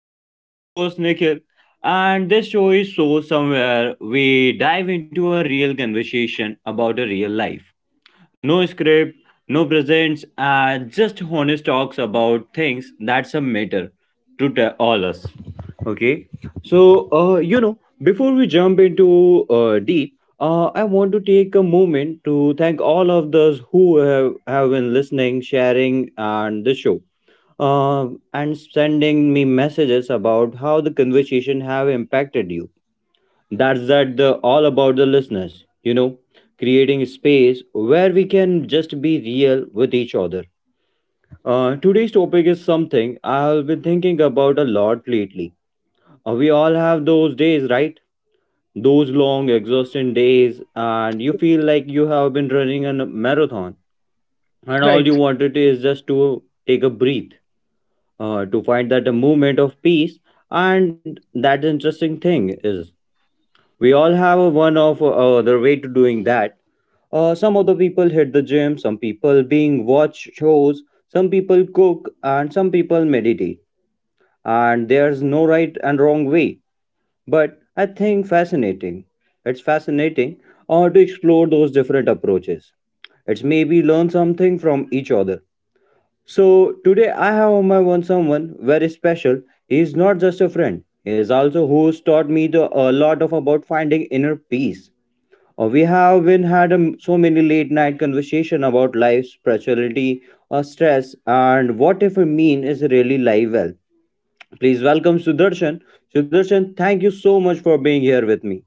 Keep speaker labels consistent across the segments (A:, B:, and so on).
A: Nikhil. I'm your host, Nikhil, and this show is So Somewhere. We dive into a real conversation about a real life. No script, no presents, just honest talks about things that some matter to all us. Okay, so before we jump into deep, I want to take a moment to thank all of those who have been listening, sharing, and the show uh, and sending me messages about how the conversation have impacted you. That's that the all about the listeners, you know, creating space where we can just be real with each other. Uh, today's topic is something I've been thinking about a lot lately. We all have those days, right? Those long exhausting days and you feel like you have been running a marathon, and all you
B: Right.
A: wanted is just to take a breath, to find that a moment of peace. And that interesting thing is, we all have a one of other way to doing that. Some of the people hit the gym, some people being watch shows, some people cook, and some people meditate. And there's no right and wrong way. But I think fascinating. It's fascinating to explore those different approaches. It's maybe learn something from each other. So today I have on my one someone very special. He is not just a friend. He is also who's taught me a lot of about finding inner peace. We have been had so many late night conversation about life, spirituality, stress, and what if a mean is really live well. Please welcome Sudarshan. Sudarshan, thank you so much for being here with me.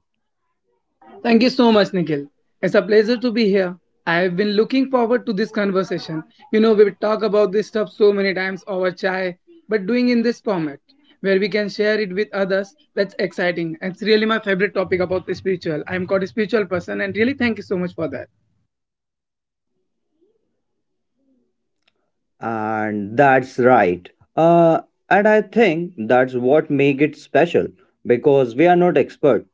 B: Thank you so much, Nikhil. It's a pleasure to be here. I have been looking forward to this conversation. You know, we would talk about this stuff so many times over chai, but doing in this format where we can share it with others, that's exciting. It's really my favorite topic about the spiritual. I'm quite a spiritual person, and really thank you so much for that.
A: And that's right. Uh, and I think that's what make it special because we are not expert.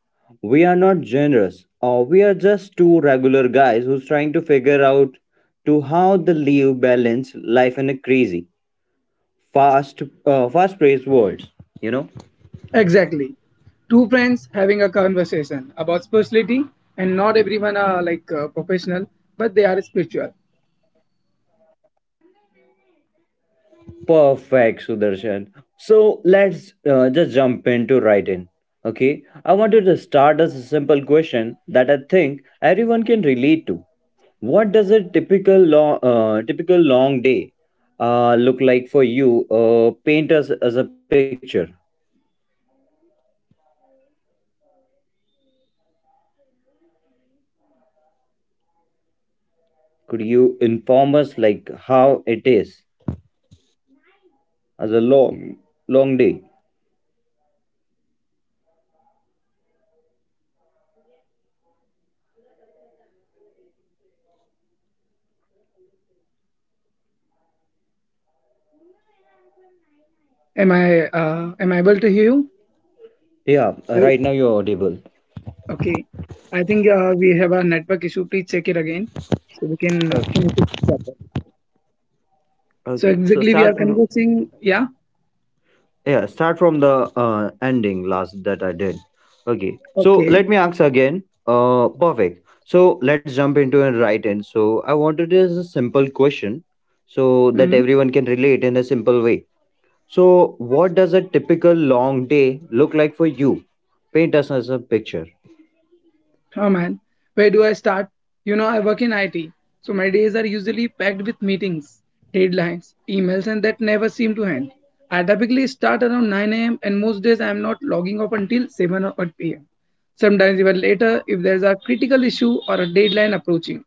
A: We are not generous. We are just two regular guys who's trying to figure out to how the live balance life in a crazy fast fast praise words, you know.
B: Exactly. Two friends having a conversation about spirituality, and not everyone are like professional, but they are spiritual.
A: Perfect, Sudarshan. So let's just jump into right in. Okay, I wanted to start as a simple question that I think everyone can relate to. What does a typical long day look like for you? Uh, paint us as a picture. Could you inform us like how it is as a long long day?
B: Am I am I able to hear you?
A: Yeah, right now you're audible.
B: Okay, I think we have a network issue. Please check it again so we can finish it
A: Okay.
B: properly. So
A: Okay, so
B: exactly we are
A: start from.
B: conversing. Yeah.
A: Yeah, start from the ending last that I did. Okay, so let
B: Okay.
A: me ask again. Perfect. So let's jump into a right in. So I wanted is a simple question, so that
B: Hmm.
A: everyone can relate in a simple way. So what does a typical long day look like for you? Paint us as a picture.
B: Oh man, where do I start? You know, I work in IT, so my days are usually packed with meetings, deadlines, emails, and that never seem to end. I typically start around 9 a.m. and most days I am not logging off until 7 or 8 p.m. Sometimes even later if there's a critical issue or a deadline approaching.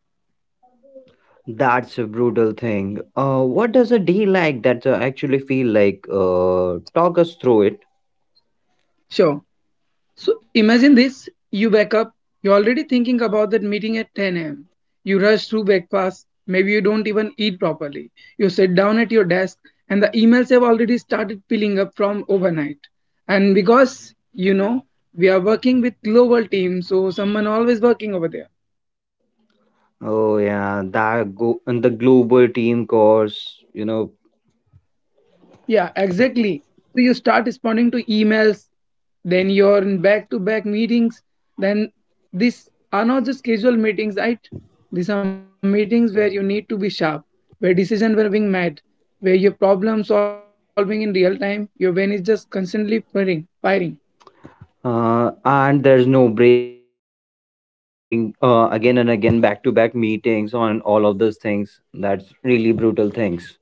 A: That's a brutal thing. What does a day like that actually feel like? Talk us through it.
B: Sure. So imagine this: you wake up, you're already thinking about that meeting at 10 a.m. You rush through breakfast, maybe you don't even eat properly. You sit down at your desk, and the emails have already started piling up from overnight. And because, you know, we are working with global teams, so someone always working over there.
A: Oh yeah, that go and the global team course, you know,
B: Yeah, exactly. So you start responding to emails, then you're in back to back meetings. Then these are not just casual meetings, right? These are meetings where you need to be sharp, where decisions were being made, where you're problem solving in real time. Your brain is just constantly firing.
A: and there's no break in between. You are just doing again and again back to back meetings on all of those things. That's really brutal things.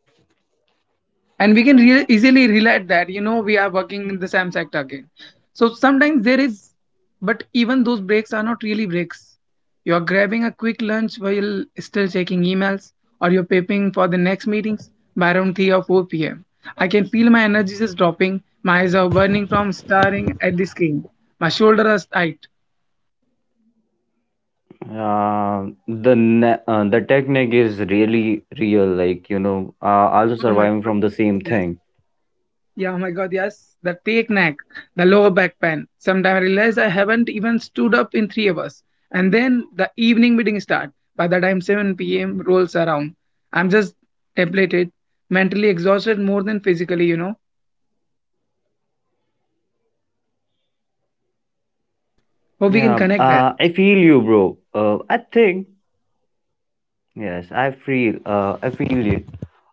B: And we can easily relate that, you know, we are working in the same sector again, so sometimes there is, but even those breaks are not really breaks. You are grabbing a quick lunch while still checking emails, or you're prepping for the next meetings. By around 3 or 4 p.m. I can feel my energy is dropping, my eyes are burning from staring at the screen, my shoulders are tight.
A: Uh, the technique is really real. Like you know, also
B: Oh my
A: surviving
B: god.
A: from the same
B: Yes.
A: thing.
B: Yeah, oh my God, yes. The take neck, the lower back pain. Sometimes I realize I haven't even stood up in 3 hours. And then the evening meeting start. By the time 7 p.m. rolls around, I'm just depleted, mentally exhausted more than physically, you know. Hope we
A: Yeah,
B: can connect that.
A: I feel you, bro. I think. Yes, I feel it.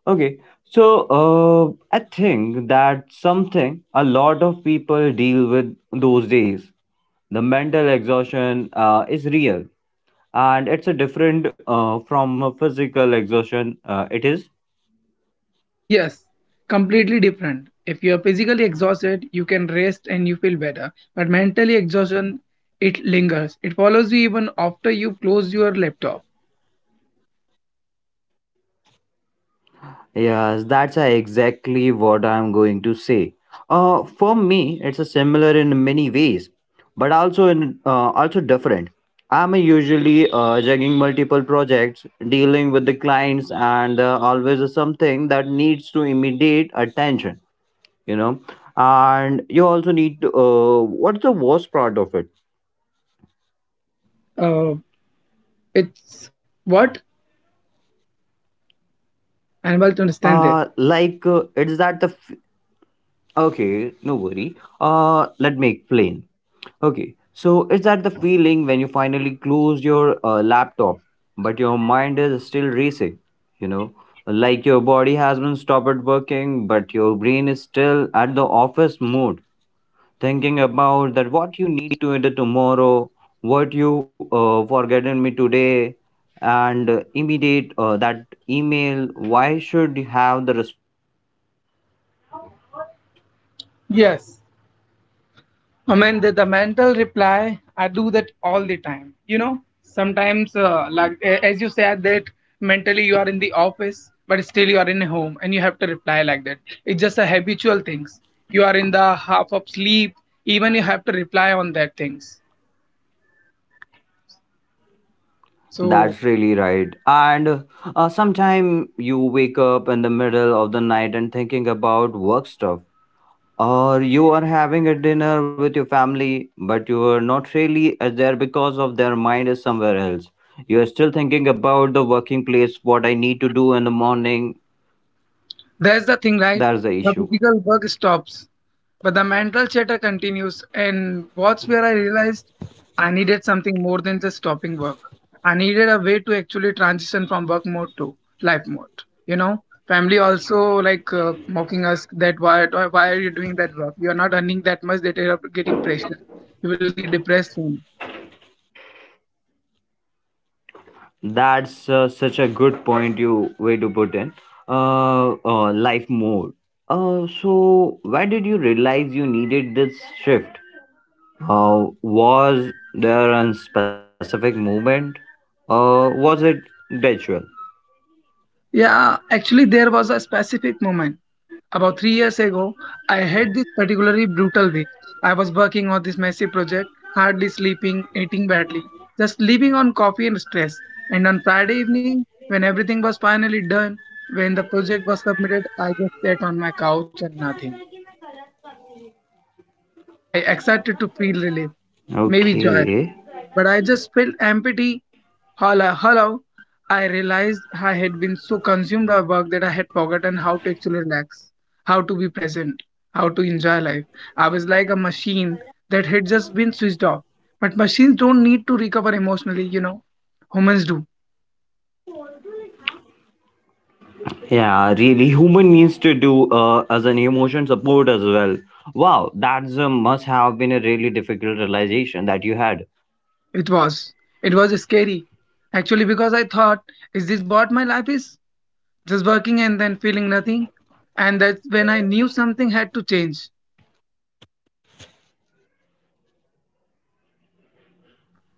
A: Okay, so I think that something a lot of people deal with those days. The mental exhaustion is real, and it's a different from a physical exhaustion. It is.
B: Yes, completely different. If you're physically exhausted, you can rest and you feel better. But mentally exhaustion, it lingers. It follows you even after you close your laptop.
A: Yes, that's exactly what I'm going to say. For me, it's a similar in many ways, but also in also different. I'm usually juggling multiple projects, dealing with the clients, and always is something that needs to immediate attention. You know, and you also need to. What's the worst part of it?
B: Uh, it's what? I'm able to understand this.
A: It's that the. Okay, no worry. Let me explain. Okay, so it's that the feeling when you finally close your laptop, but your mind is still racing, you know, like your body has been stopped working, but your brain is still at the office mode, thinking about that what you need to do tomorrow, what you forgotten me today, and immediate that email. Why should you have the respond on the differently?
B: Yes. I mean, the mental reply, I do that all the time. You know, sometimes, like as you said, that mentally you are in the office, but still you are in a home and you have to reply like that. It's just a habitual things. You are in the half of sleep, even you have to reply on that things.
A: That's
B: So
A: really right. And sometime you wake up in the middle of the night and thinking about work stuff, or you are having a dinner with your family, but you are not really as there because of their mind is somewhere else. You are still thinking about the working place, what I need to do in the morning.
B: there's the thing, right?
A: That's the
B: The
A: issue.
B: physical work stops, but the mental chatter continues. And what's where I realized I needed something more than just stopping work. I needed a way to actually transition from work mode to life mode. You know, family also like mocking us that why are you doing that work? You are not earning that much that you are getting pressure. You will be depressed soon.
A: That's such a good point you way to put in. Uh, life mode. So why did you realize you needed this shift? Was there a specific movement? Was it gradual?
B: Yeah, actually, there was a specific moment. About 3 years ago, I had this particularly brutal week. I was working on this massive project, hardly sleeping, eating badly, just living on coffee and stress. And on Friday evening, when everything was finally done, when the project was submitted, I just sat on my couch and nothing. I excited to feel relief, maybe joy,
A: Okay.
B: but I just felt empty. Hello, hello. I realized I had been so consumed by work that I had forgotten how to actually relax, how to be present, how to enjoy life. I was like a machine that had just been switched off. But machines don't need to recover emotionally, you know. Humans do.
A: Yeah, really, human needs to do as an emotion support as well. Wow, that's a must have been a really difficult realization that you had.
B: It was. It was scary. Actually, because I thought, is this what my life is? Just working and then feeling nothing. And that's when I knew something had to change.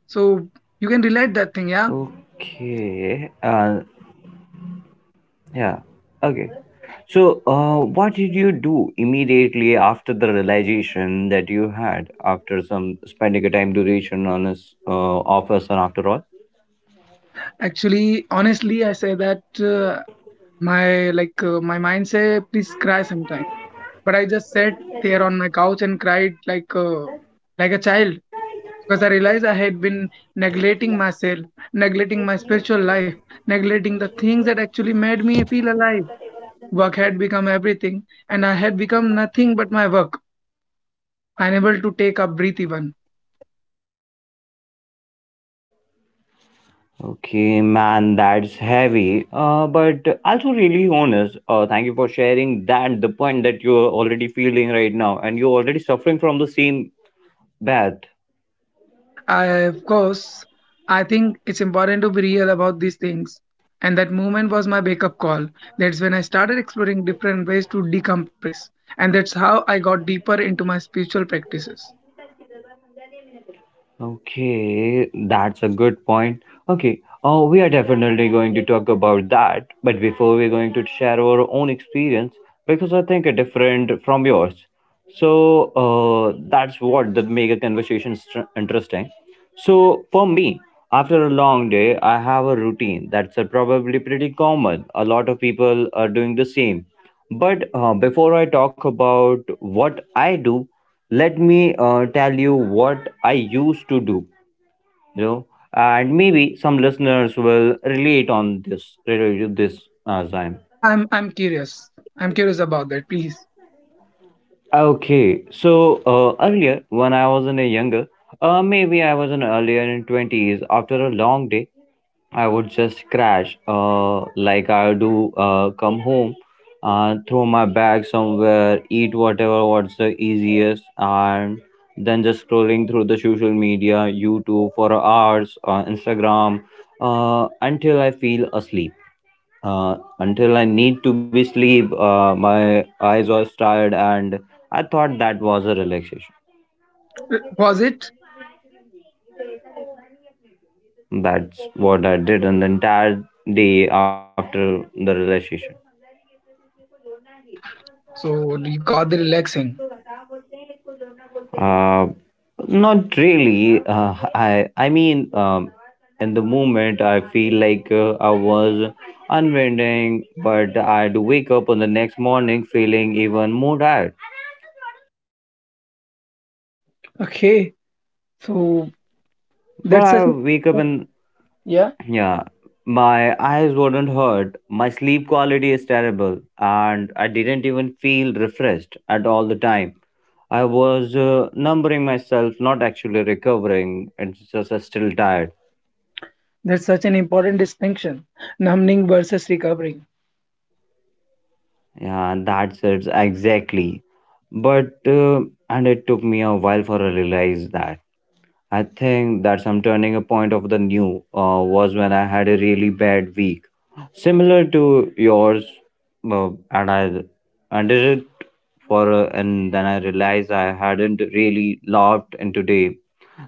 B: So you can relate that thing, yeah.
A: Okay. Yeah. Okay. So, what did you do immediately after the realization that you had after some spending a time duration on a office and after all?
B: Actually, honestly, I say that my like my mind say please cry sometime, but I just sat there on my couch and cried like a child, because I realized I had been neglecting myself, neglecting my spiritual life, neglecting the things that actually made me feel alive. Work had become everything, and I had become nothing but my work. Unable to take a breath even.
A: Okay, man, that's heavy. But also really honest. Thank you for sharing that. The point that you're already feeling right now, and you're already suffering from the same bad.
B: I, of course, I think it's important to be real about these things. And that moment was my wake up call. That's when I started exploring different ways to decompress. And that's how I got deeper into my spiritual practices.
A: Okay, that's a good point. Okay, we are definitely going to talk about that, but before we're going to share our own experience because I think it's different from yours. So that's what that make a conversation interesting. So for me, after a long day, I have a routine that's probably pretty common. A lot of people are doing the same. But before I talk about what I do, let me tell you what I used to do, you know, and maybe some listeners will relate on this relate to this as I'm.
B: I'm curious. I'm curious about that, please.
A: Okay, so earlier when I was in a younger, maybe I was in earlier in 20s, after a long day I would just crash, like I do, come home, throw my bag somewhere, eat whatever what's the easiest, and then just scrolling through the social media, YouTube for hours, Instagram, until I feel asleep. Until I need to be sleep, my eyes was tired, and I thought that was a relaxation.
B: Was it?
A: That's what I did on the entire day after the relationship.
B: So you got the relaxing.
A: Uh, not really. I mean, in the moment, I feel like I was unwinding, but I'd wake up on the next morning feeling even more tired.
B: Okay. So
A: But
B: that's such
A: I wake up
B: a
A: in.
B: yeah,
A: Yeah, my eyes would not hurt, my sleep quality is terrible, and I didn't even feel refreshed at all the time. I was numbing myself, not actually recovering, it's just still tired.
B: that's such an important distinction. Numbing versus recovering.
A: Yeah, that's it exactly. But, and it took me a while for I realize that. I think that some turning a point of the new was when I had a really bad week, similar to yours, and I ended it for and then I realized I hadn't really laughed in today,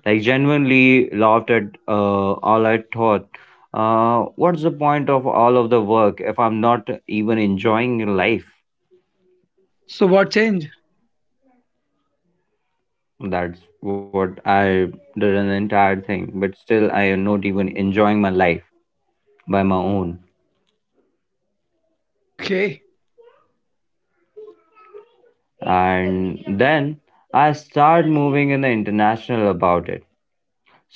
A: like genuinely laughed at all I thought. What's the point of all of the work if I'm not even enjoying life?
B: So what changed?
A: That's what I did an entire thing, but still I am not even enjoying my life by my own.
B: Okay.
A: And then I start moving in the international about it.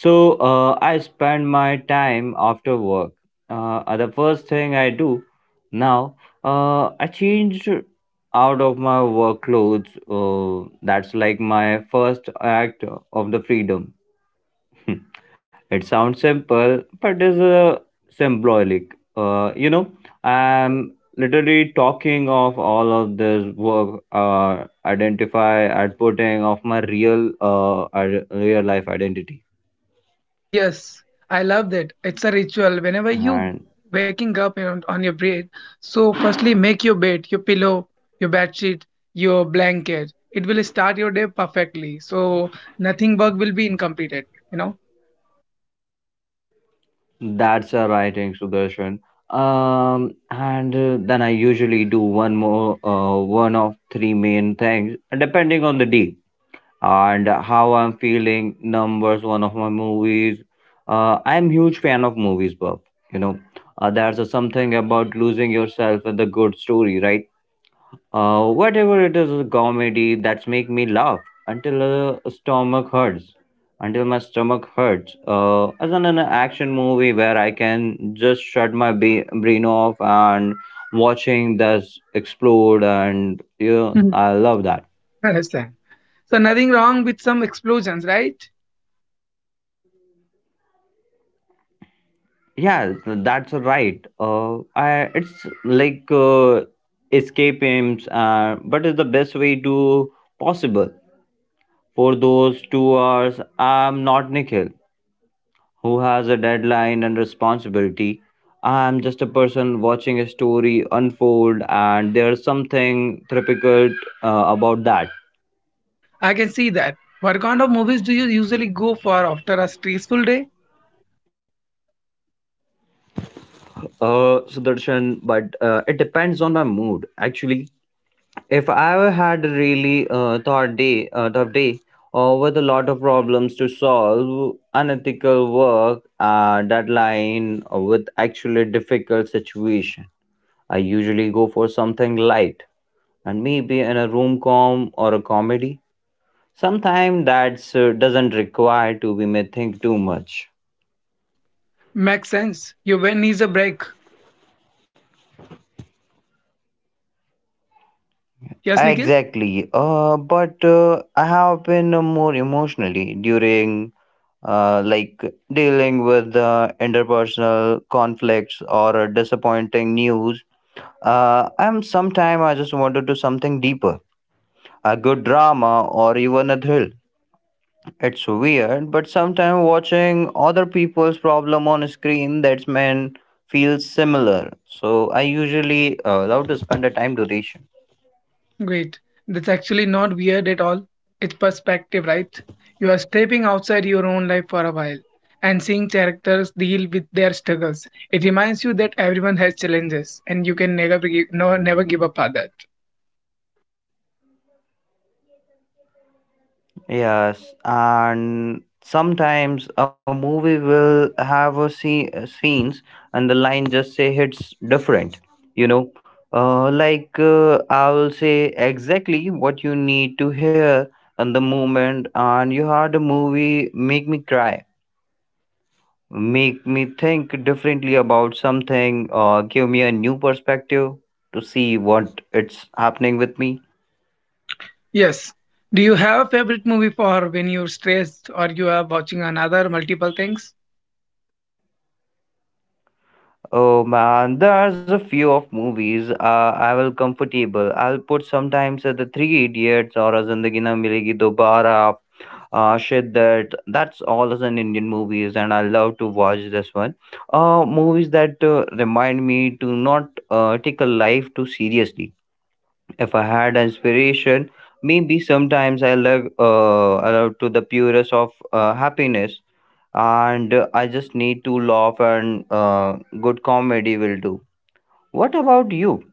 A: So I spend my time after work. Uh, the first thing I do now, I changed out of my work clothes, that's like my first act of the freedom. It sounds simple, but is symbolic. You know, I'm literally talking of all of this work, identify and putting of my real, real life identity,
B: Yes, I love that. It's a ritual. Whenever you
A: and
B: waking up on your bed, so firstly make your bed, your pillow, your bed sheet, your blanket. It will start your day perfectly. So nothing work will be incompleted, you know?
A: that's a writing suggestion. And then I usually do one more, one of three main things, depending on the day and how I'm feeling. Numbers, one of my movies. I'm huge fan of movies, Bob. You know, there's a something about losing yourself in the good story, right? Whatever it is, a comedy that's make me laugh until stomach hurts, until my stomach hurts. As in an action movie where I can just shut my brain off and watching this explode, and you know,
B: Mhm.
A: I love that.
B: Understand. So nothing wrong with some explosions, right?
A: Yeah, that's right. I, it's like escape aims, but it's the best way to possible for those 2 hours. I'm not Nikhil, who has a deadline and responsibility. I'm just a person watching a story unfold, and there's something therapeutic about that.
B: I can see that. What kind of movies do you usually go for after a stressful day?
A: Sudarshan, but it depends on my mood actually. If I had a really tough day, or with a lot of problems to solve, unethical work, deadline, with actually difficult situation, I usually go for something light and maybe in a room com or a comedy. Sometimes that doesn't require to be may think too much.
B: Makes sense. Your brain needs a break. Yes, Nikhil.
A: Exactly. But I have been more emotionally during uh, like dealing with the interpersonal conflicts or disappointing news. I'm sometime I just want to do something deeper, a good drama or even a thrill. It's weird, but sometimes watching other people's problem on screen that's man feels similar. So I usually love to spend the time duration.
B: Great. That's actually not weird at all. It's perspective, right? You are stepping outside your own life for a while and seeing characters deal with their struggles. It reminds you that everyone has challenges and you can never give, no, never give up on that.
A: Yes, and sometimes a movie will have a scene, scenes and the line just say hits different, you know. I will say exactly what you need to hear in the moment, and you heard a movie make me cry, make me think differently about something, or give me a new perspective to see what it's happening with me.
B: Yes. Do you have a favorite movie for when you're stressed or you are watching another multiple things?
A: Oh man, there's a few of movies I will comfortable. I'll put sometimes the Three Idiots or a Zindagi Na Milegi Dobara, Shiddat. That's all as an Indian movies, and I love to watch this one. Movies that remind me to not take a life too seriously. If I had inspiration, maybe sometimes I love allow to the purest of happiness, and I just need to laugh and good comedy will do. What about you?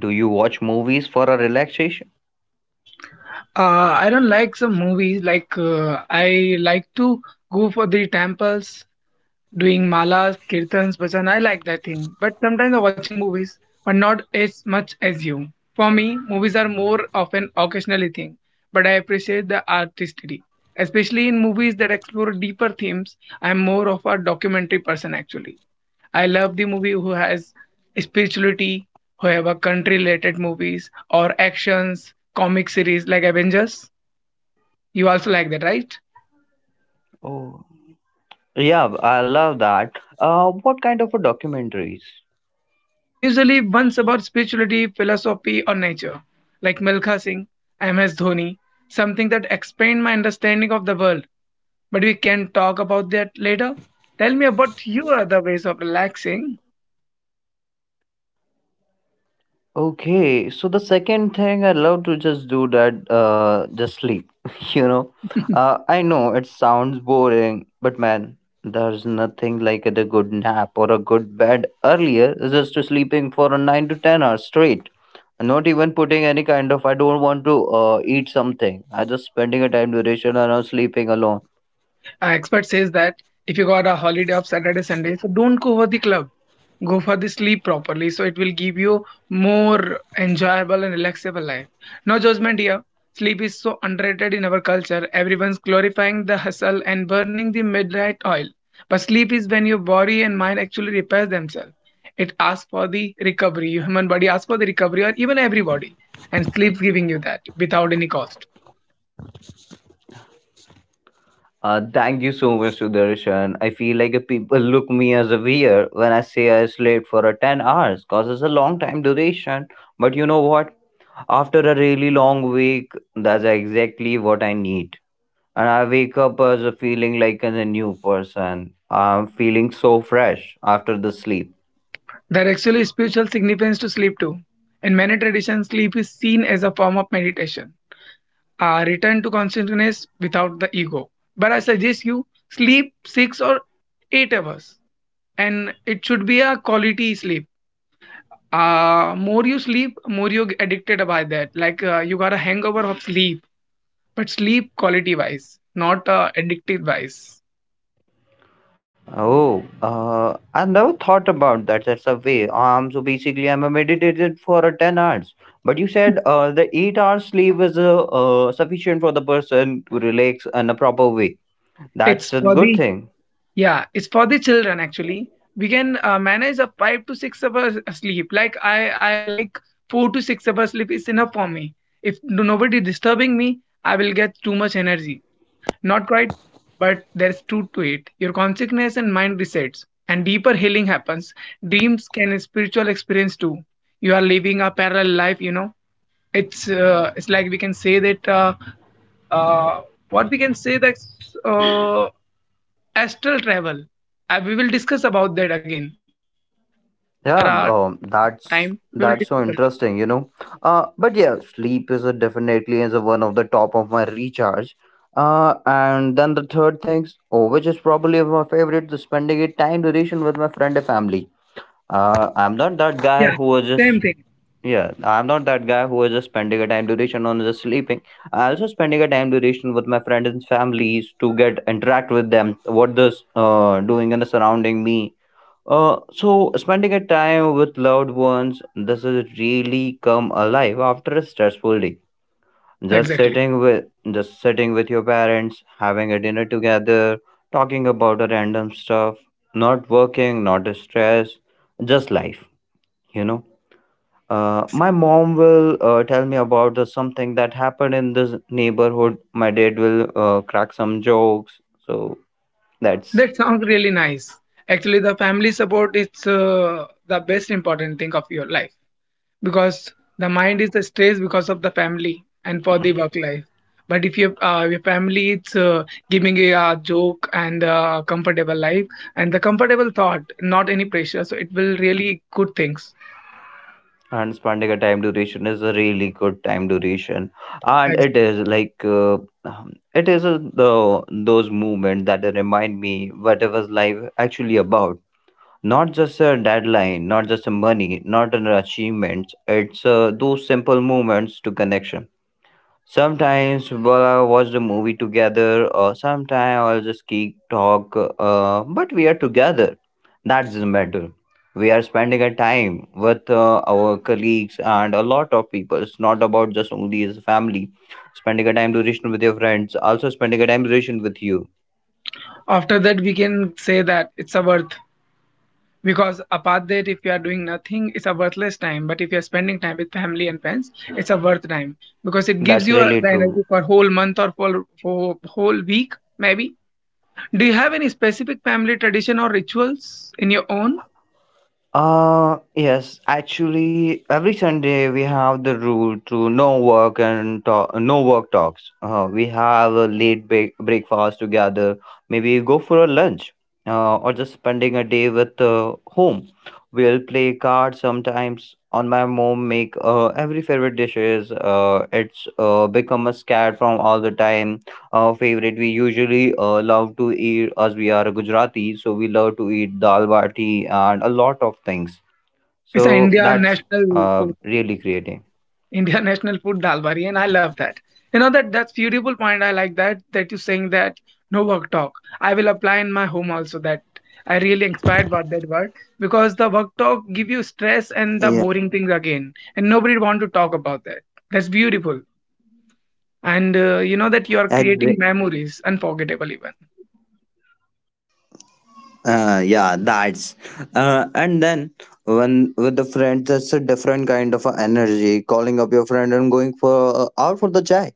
A: Do you watch movies for a relaxation?
B: I don't like some movies. Like I like to go for the temples doing malas, kirtans, bhajan. I like that thing. But sometimes I'm watching movies, but not as much as you. For me, movies are more of an occasionally thing, but I appreciate the artistry. Especially in movies that explore deeper themes, I'm more of a documentary person actually. I love the movie who has spirituality, who have a country related movies or actions, comic series like Avengers. You also like that, right?
A: Oh, yeah, I love that. What kind of a documentaries?
B: And usually ones about spirituality, philosophy, or nature, like Milkha Singh, MS Dhoni, something that expand my understanding of the world. But we can talk about that later. Tell me about your other ways of relaxing.
A: Okay, so the second thing I love to just do that, just sleep. You know, I know it sounds boring, but man, there's nothing like a good nap or a good bed earlier. It's just to sleeping for a 9 to 10 hours straight. Not even putting any kind of I don't want to eat something. I just spending a time duration around sleeping alone.
B: Expert says that if you got a holiday of Saturday, Sunday, so don't go for the club. Go for the sleep properly. So it will give you more enjoyable and relaxable life. No judgment here. Sleep is so underrated in our culture. Everyone's glorifying the hustle and burning the midnight oil. But sleep is when your body and mind actually repairs themselves. It asks for the recovery. Your human body asks for the recovery, or even every body. And sleep's giving you that without any cost.
A: Thank you so much, Sudarshan. I feel like a people look me as a weird when I say I slept for a 10 hours because it's a long time duration. But you know what? After a really long week, that's exactly what I need. And I wake up as a feeling like as a new person. I'm feeling so fresh after the sleep.
B: There actually is spiritual significance to sleep too. In many traditions, sleep is seen as a form of meditation, a return to consciousness without the ego. But I suggest you sleep 6 or 8 hours, and it should be a quality sleep. More you sleep, more you get addicted by that. Like you got a hangover of sleep, but sleep quality wise, not addictive wise.
A: Oh, I never thought about that. That's a way. So basically, I'm a meditated for a 10 hours. But you said the 8 hours sleep is sufficient for the person to relax in a proper way.
B: It's
A: That's a
B: for
A: good
B: the...
A: thing.
B: Yeah, it's for the children actually. We can manage a 5 to 6 hours sleep. Like I like 4 to 6 hours sleep is enough for me. If nobody disturbing me, I will get too much energy. Not right, but there's truth to it. Your consciousness and mind resets, and deeper healing happens. Dreams can a spiritual experience too. You are living a parallel life. You know, it's like we can say that uh, what we can say that uh, astral travel. We will discuss about that again after our time.
A: Yeah.
B: We will discuss about that.
A: That's so interesting. You know. But yeah, sleep is a definitely is a one of the top of my recharge. And then the third things, oh, which is probably my favorite, the spending a time duration with my friend and family.
B: Yeah,
A: I'm not that
B: same
A: guy
B: thing.
A: who was just yeah. I'm not that guy who was just spending a time duration on just sleeping. I also spending a time duration with my friends and families to get interact with them. What this doing and surrounding me. So spending a time with loved ones. This is really come alive after a stressful day.
B: Exactly.
A: Just sitting with your parents, having a dinner together, talking about a random stuff. Not working, not stress, just life. You know,
B: Yes,
A: my mom will tell me about the something that happened in this neighborhood. My dad will crack some jokes. So
B: that
A: that's
B: sounds really nice. Actually, the family support is the best important thing of your life, because the mind is stressed because of the family and for the work life. But if your your family is giving you a joke and a comfortable life and the comfortable thought, not any pressure, so it will really good things.
A: and spending a time duration is a really good time duration, and it is like it is a, the those movement that remind me what was life actually about. Not just a deadline, not just a money, not an achievement. It's those simple moments to connection. Sometimes we'll watch the movie together, or sometimes I'll just keep talk. But we are together. That doesn't matter. We are spending a time with our colleagues and a lot of people. It's not about just only as a family. Spending a time duration with your friends, also spending a time duration with you.
B: After that, we can say that it's a worth, because apart that, if you are doing nothing, it's a worthless time. But if you are spending time with family and friends, it's a worth time because it gives
A: That's
B: you
A: really
B: the
A: true.
B: energy for whole month or for whole week, maybe. Do you have any specific family tradition or rituals in your own?
A: Uh, yes, actually every Sunday we have the rule to no work and talk, no work talks. We have a late breakfast together. Maybe go for a lunch or just spending a day with home. We'll play cards sometimes. On my mom make every favorite dishes. It's become a scared from all the time favorite. We usually love to eat, as we are Gujarati, so we love to eat dal bati and a lot of things.
B: It's an
A: So
B: Indian
A: that's
B: national food.
A: really creating.
B: Indian national food dal bari, and I love that. You know that's beautiful point. I like that you're saying that no work talk. I will apply in my home also that. I really inspired by that word because the work talk give you stress and the
A: Yeah,
B: boring things again, and nobody want to talk about that. That's beautiful, and you know that you are
A: exactly.
B: creating memories, unforgettable even.
A: Yeah, that's. And then when with the friends, that's a different kind of a energy. Calling up your friend and going for out for the chai.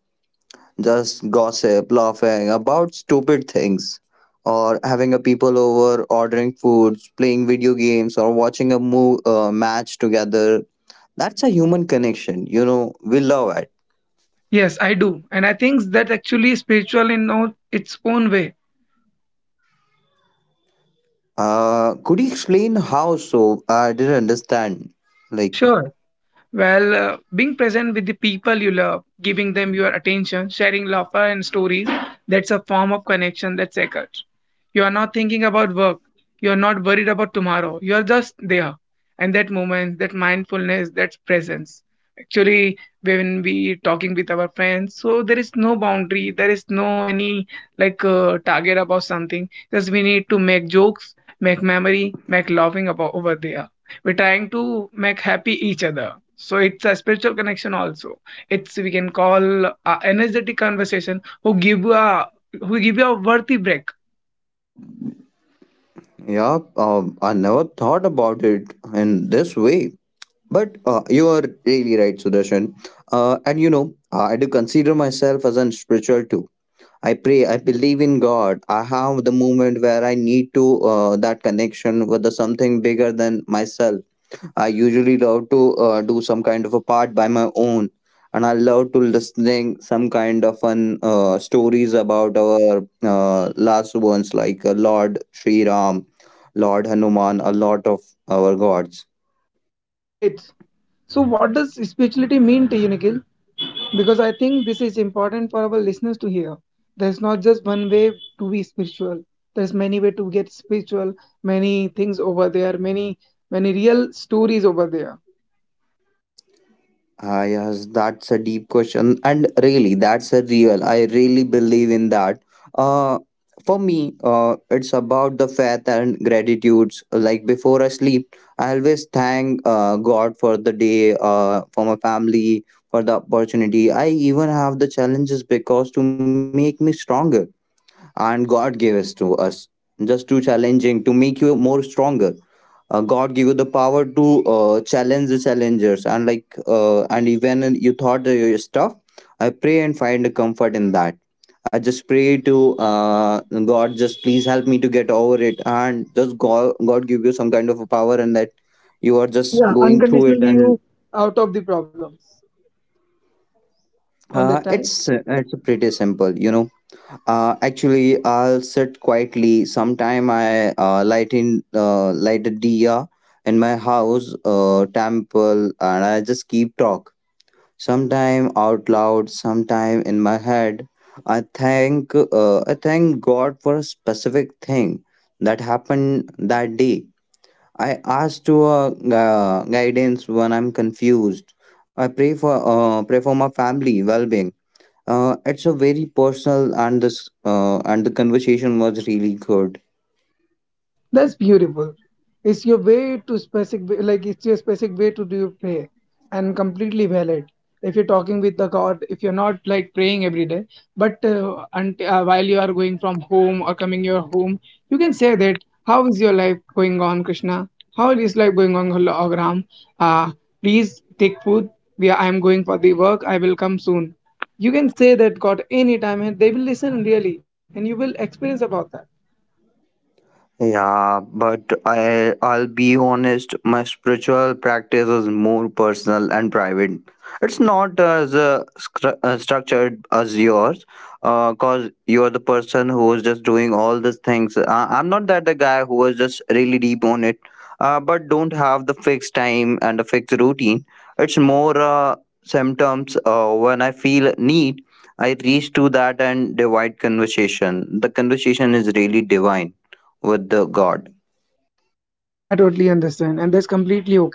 A: Just gossip, laughing about stupid things, or having a people over, ordering foods, playing video games, or watching a match together. That's a human connection. You know, we love it.
B: Yes, I do, and I think that's actually spiritual in all its own way.
A: Could you explain how so? I didn't understand. Like,
B: Sure. Well, being present with the people you love, giving them your attention, sharing laughter and stories, that's a form of connection that's sacred. You are not thinking about work. You are not worried about tomorrow. You are just there. And that moment, that mindfulness, that presence. Actually, when we talking with our friends, so there is no boundary. There is no any like target about something. Just we need to make jokes, make memory, make laughing about over there, we're trying to make happy each other, so it's a spiritual connection also, it's we can call a energetic conversation who give you a, who give you a worthy break.
A: yeah, I never thought about it in this way. But you are really right, Sudarshan. And you know, I do consider myself as a spiritual too. I pray, I believe in God. I have the moment where I need to that connection with the something bigger than myself. I usually love to do some kind of a part by my own, and I love to listening some kind of an stories about our last ones like Lord Sri Ram, Lord Hanuman, a lot of our gods.
B: Great. So, what does spirituality mean to you, Nikhil? Because I think this is important for our listeners to hear. There's not just one way to be spiritual. There's many way to get spiritual. Many things over there. Many, many real stories over there.
A: Ah, yes, that's a deep question, and really, that's a real. I really believe in that. Uh, for me, it's about the faith and gratitudes. Like before I sleep, I always thank God for the day, for my family, for the opportunity. I even have the challenges because to make me stronger, and God gave us to us. Just too challenging to make you more stronger. God give you the power to challenge the challengers and like and even you thought that your stuff I pray and find a comfort in that. I just pray to uh, God, just please help me to get over it, and just God, God give you some kind of a power and that you are just
B: Yeah,
A: going through it
B: unconditionally
A: and
B: you out of the problems on
A: uh,
B: that time.
A: it's it's pretty simple you know. Actually, I'll sit quietly. Sometime I light a diya in my house temple, and I just keep talk. Sometime out loud, sometime in my head. I thank God for a specific thing that happened that day. I ask to guidance when I'm confused. I pray for Pray for my family well being. It's a very personal and this and the conversation was really good.
B: That's beautiful. It's your way to specific, like it's your specific way to do your prayer, and completely valid. If you're talking with the God, if you're not like praying every day, but unt while you are going from home or coming your home, you can say that. How is your life going on, Krishna? How is life going on, Ram? Uh, please take food. We are, I'm going for the work. I will come soon. You can say that God anytime, and they will listen really, and you will experience about that.
A: Yeah, but I'll be honest, my spiritual practice is more personal and private. It's not as structured as yours, cause you're the person who is just doing all these things. I'm not that the guy who is just really deep on it, but don't have the fixed time and a fixed routine. It's more symptoms when I feel need. I reach to that and divide conversation. The conversation is really divine with the God.
B: I totally understand, and that's completely okay.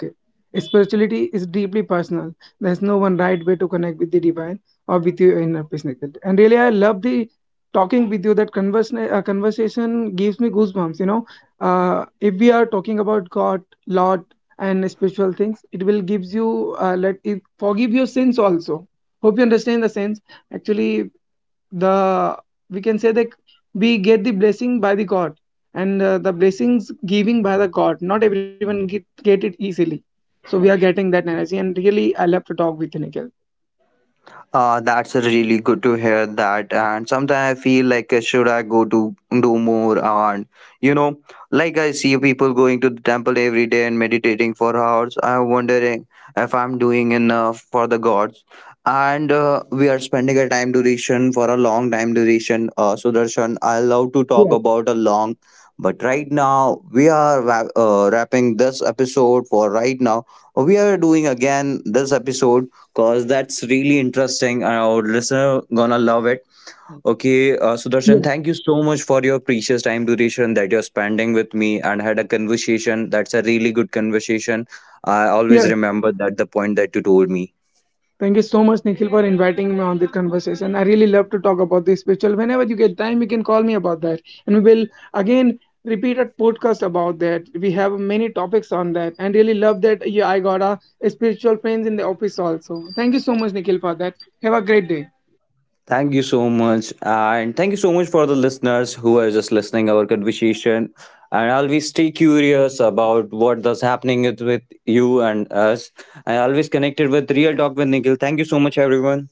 B: Spirituality is deeply personal. There's no one right way to connect with the divine or with your inner peace, Nikhil. And really, I love the talking with you. That conversation gives me goosebumps. You know, if we are talking about God, Lord, and spiritual things, it will gives you let it forgive your sins also. Hope you understand the sense. Actually, the, we can say that we get the blessing by the god and the blessings giving by the god not everyone get it easily, so we are getting that energy and really I love to talk with you, Nikhil.
A: That's really good to hear that. And sometimes I feel like, should I go to do more? And you know, like I see people going to the temple every day and meditating for hours. I'm wondering if I'm doing enough for the gods. And we are spending a time duration for a long time duration. Sudarshan, I love to talk
B: Yes,
A: about a long, but right now we are wrapping this episode for right now. We are doing again this episode cause that's really interesting. And our listener gonna love it. Okay, Sudarshan,
B: yes,
A: thank you so much for your precious time duration that you're spending with me and had a conversation. That's a really good conversation. I always
B: yes.
A: remember that the point that you told me.
B: Thank you so much, Nikhil, for inviting me on this conversation. I really love to talk about this spiritual. Whenever you get time, you can call me about that. And we will again repeat a podcast about that. We have many topics on that. And really love that, yeah, I got a spiritual friends in the office also. Thank you so much, Nikhil, for that. Have a great day.
A: Thank you so much, and thank you so much for the listeners who are just listening our conversation. And always stay curious about what does happening with you and us. And always connected with Real Talk with Nikhil. Thank you so much, everyone.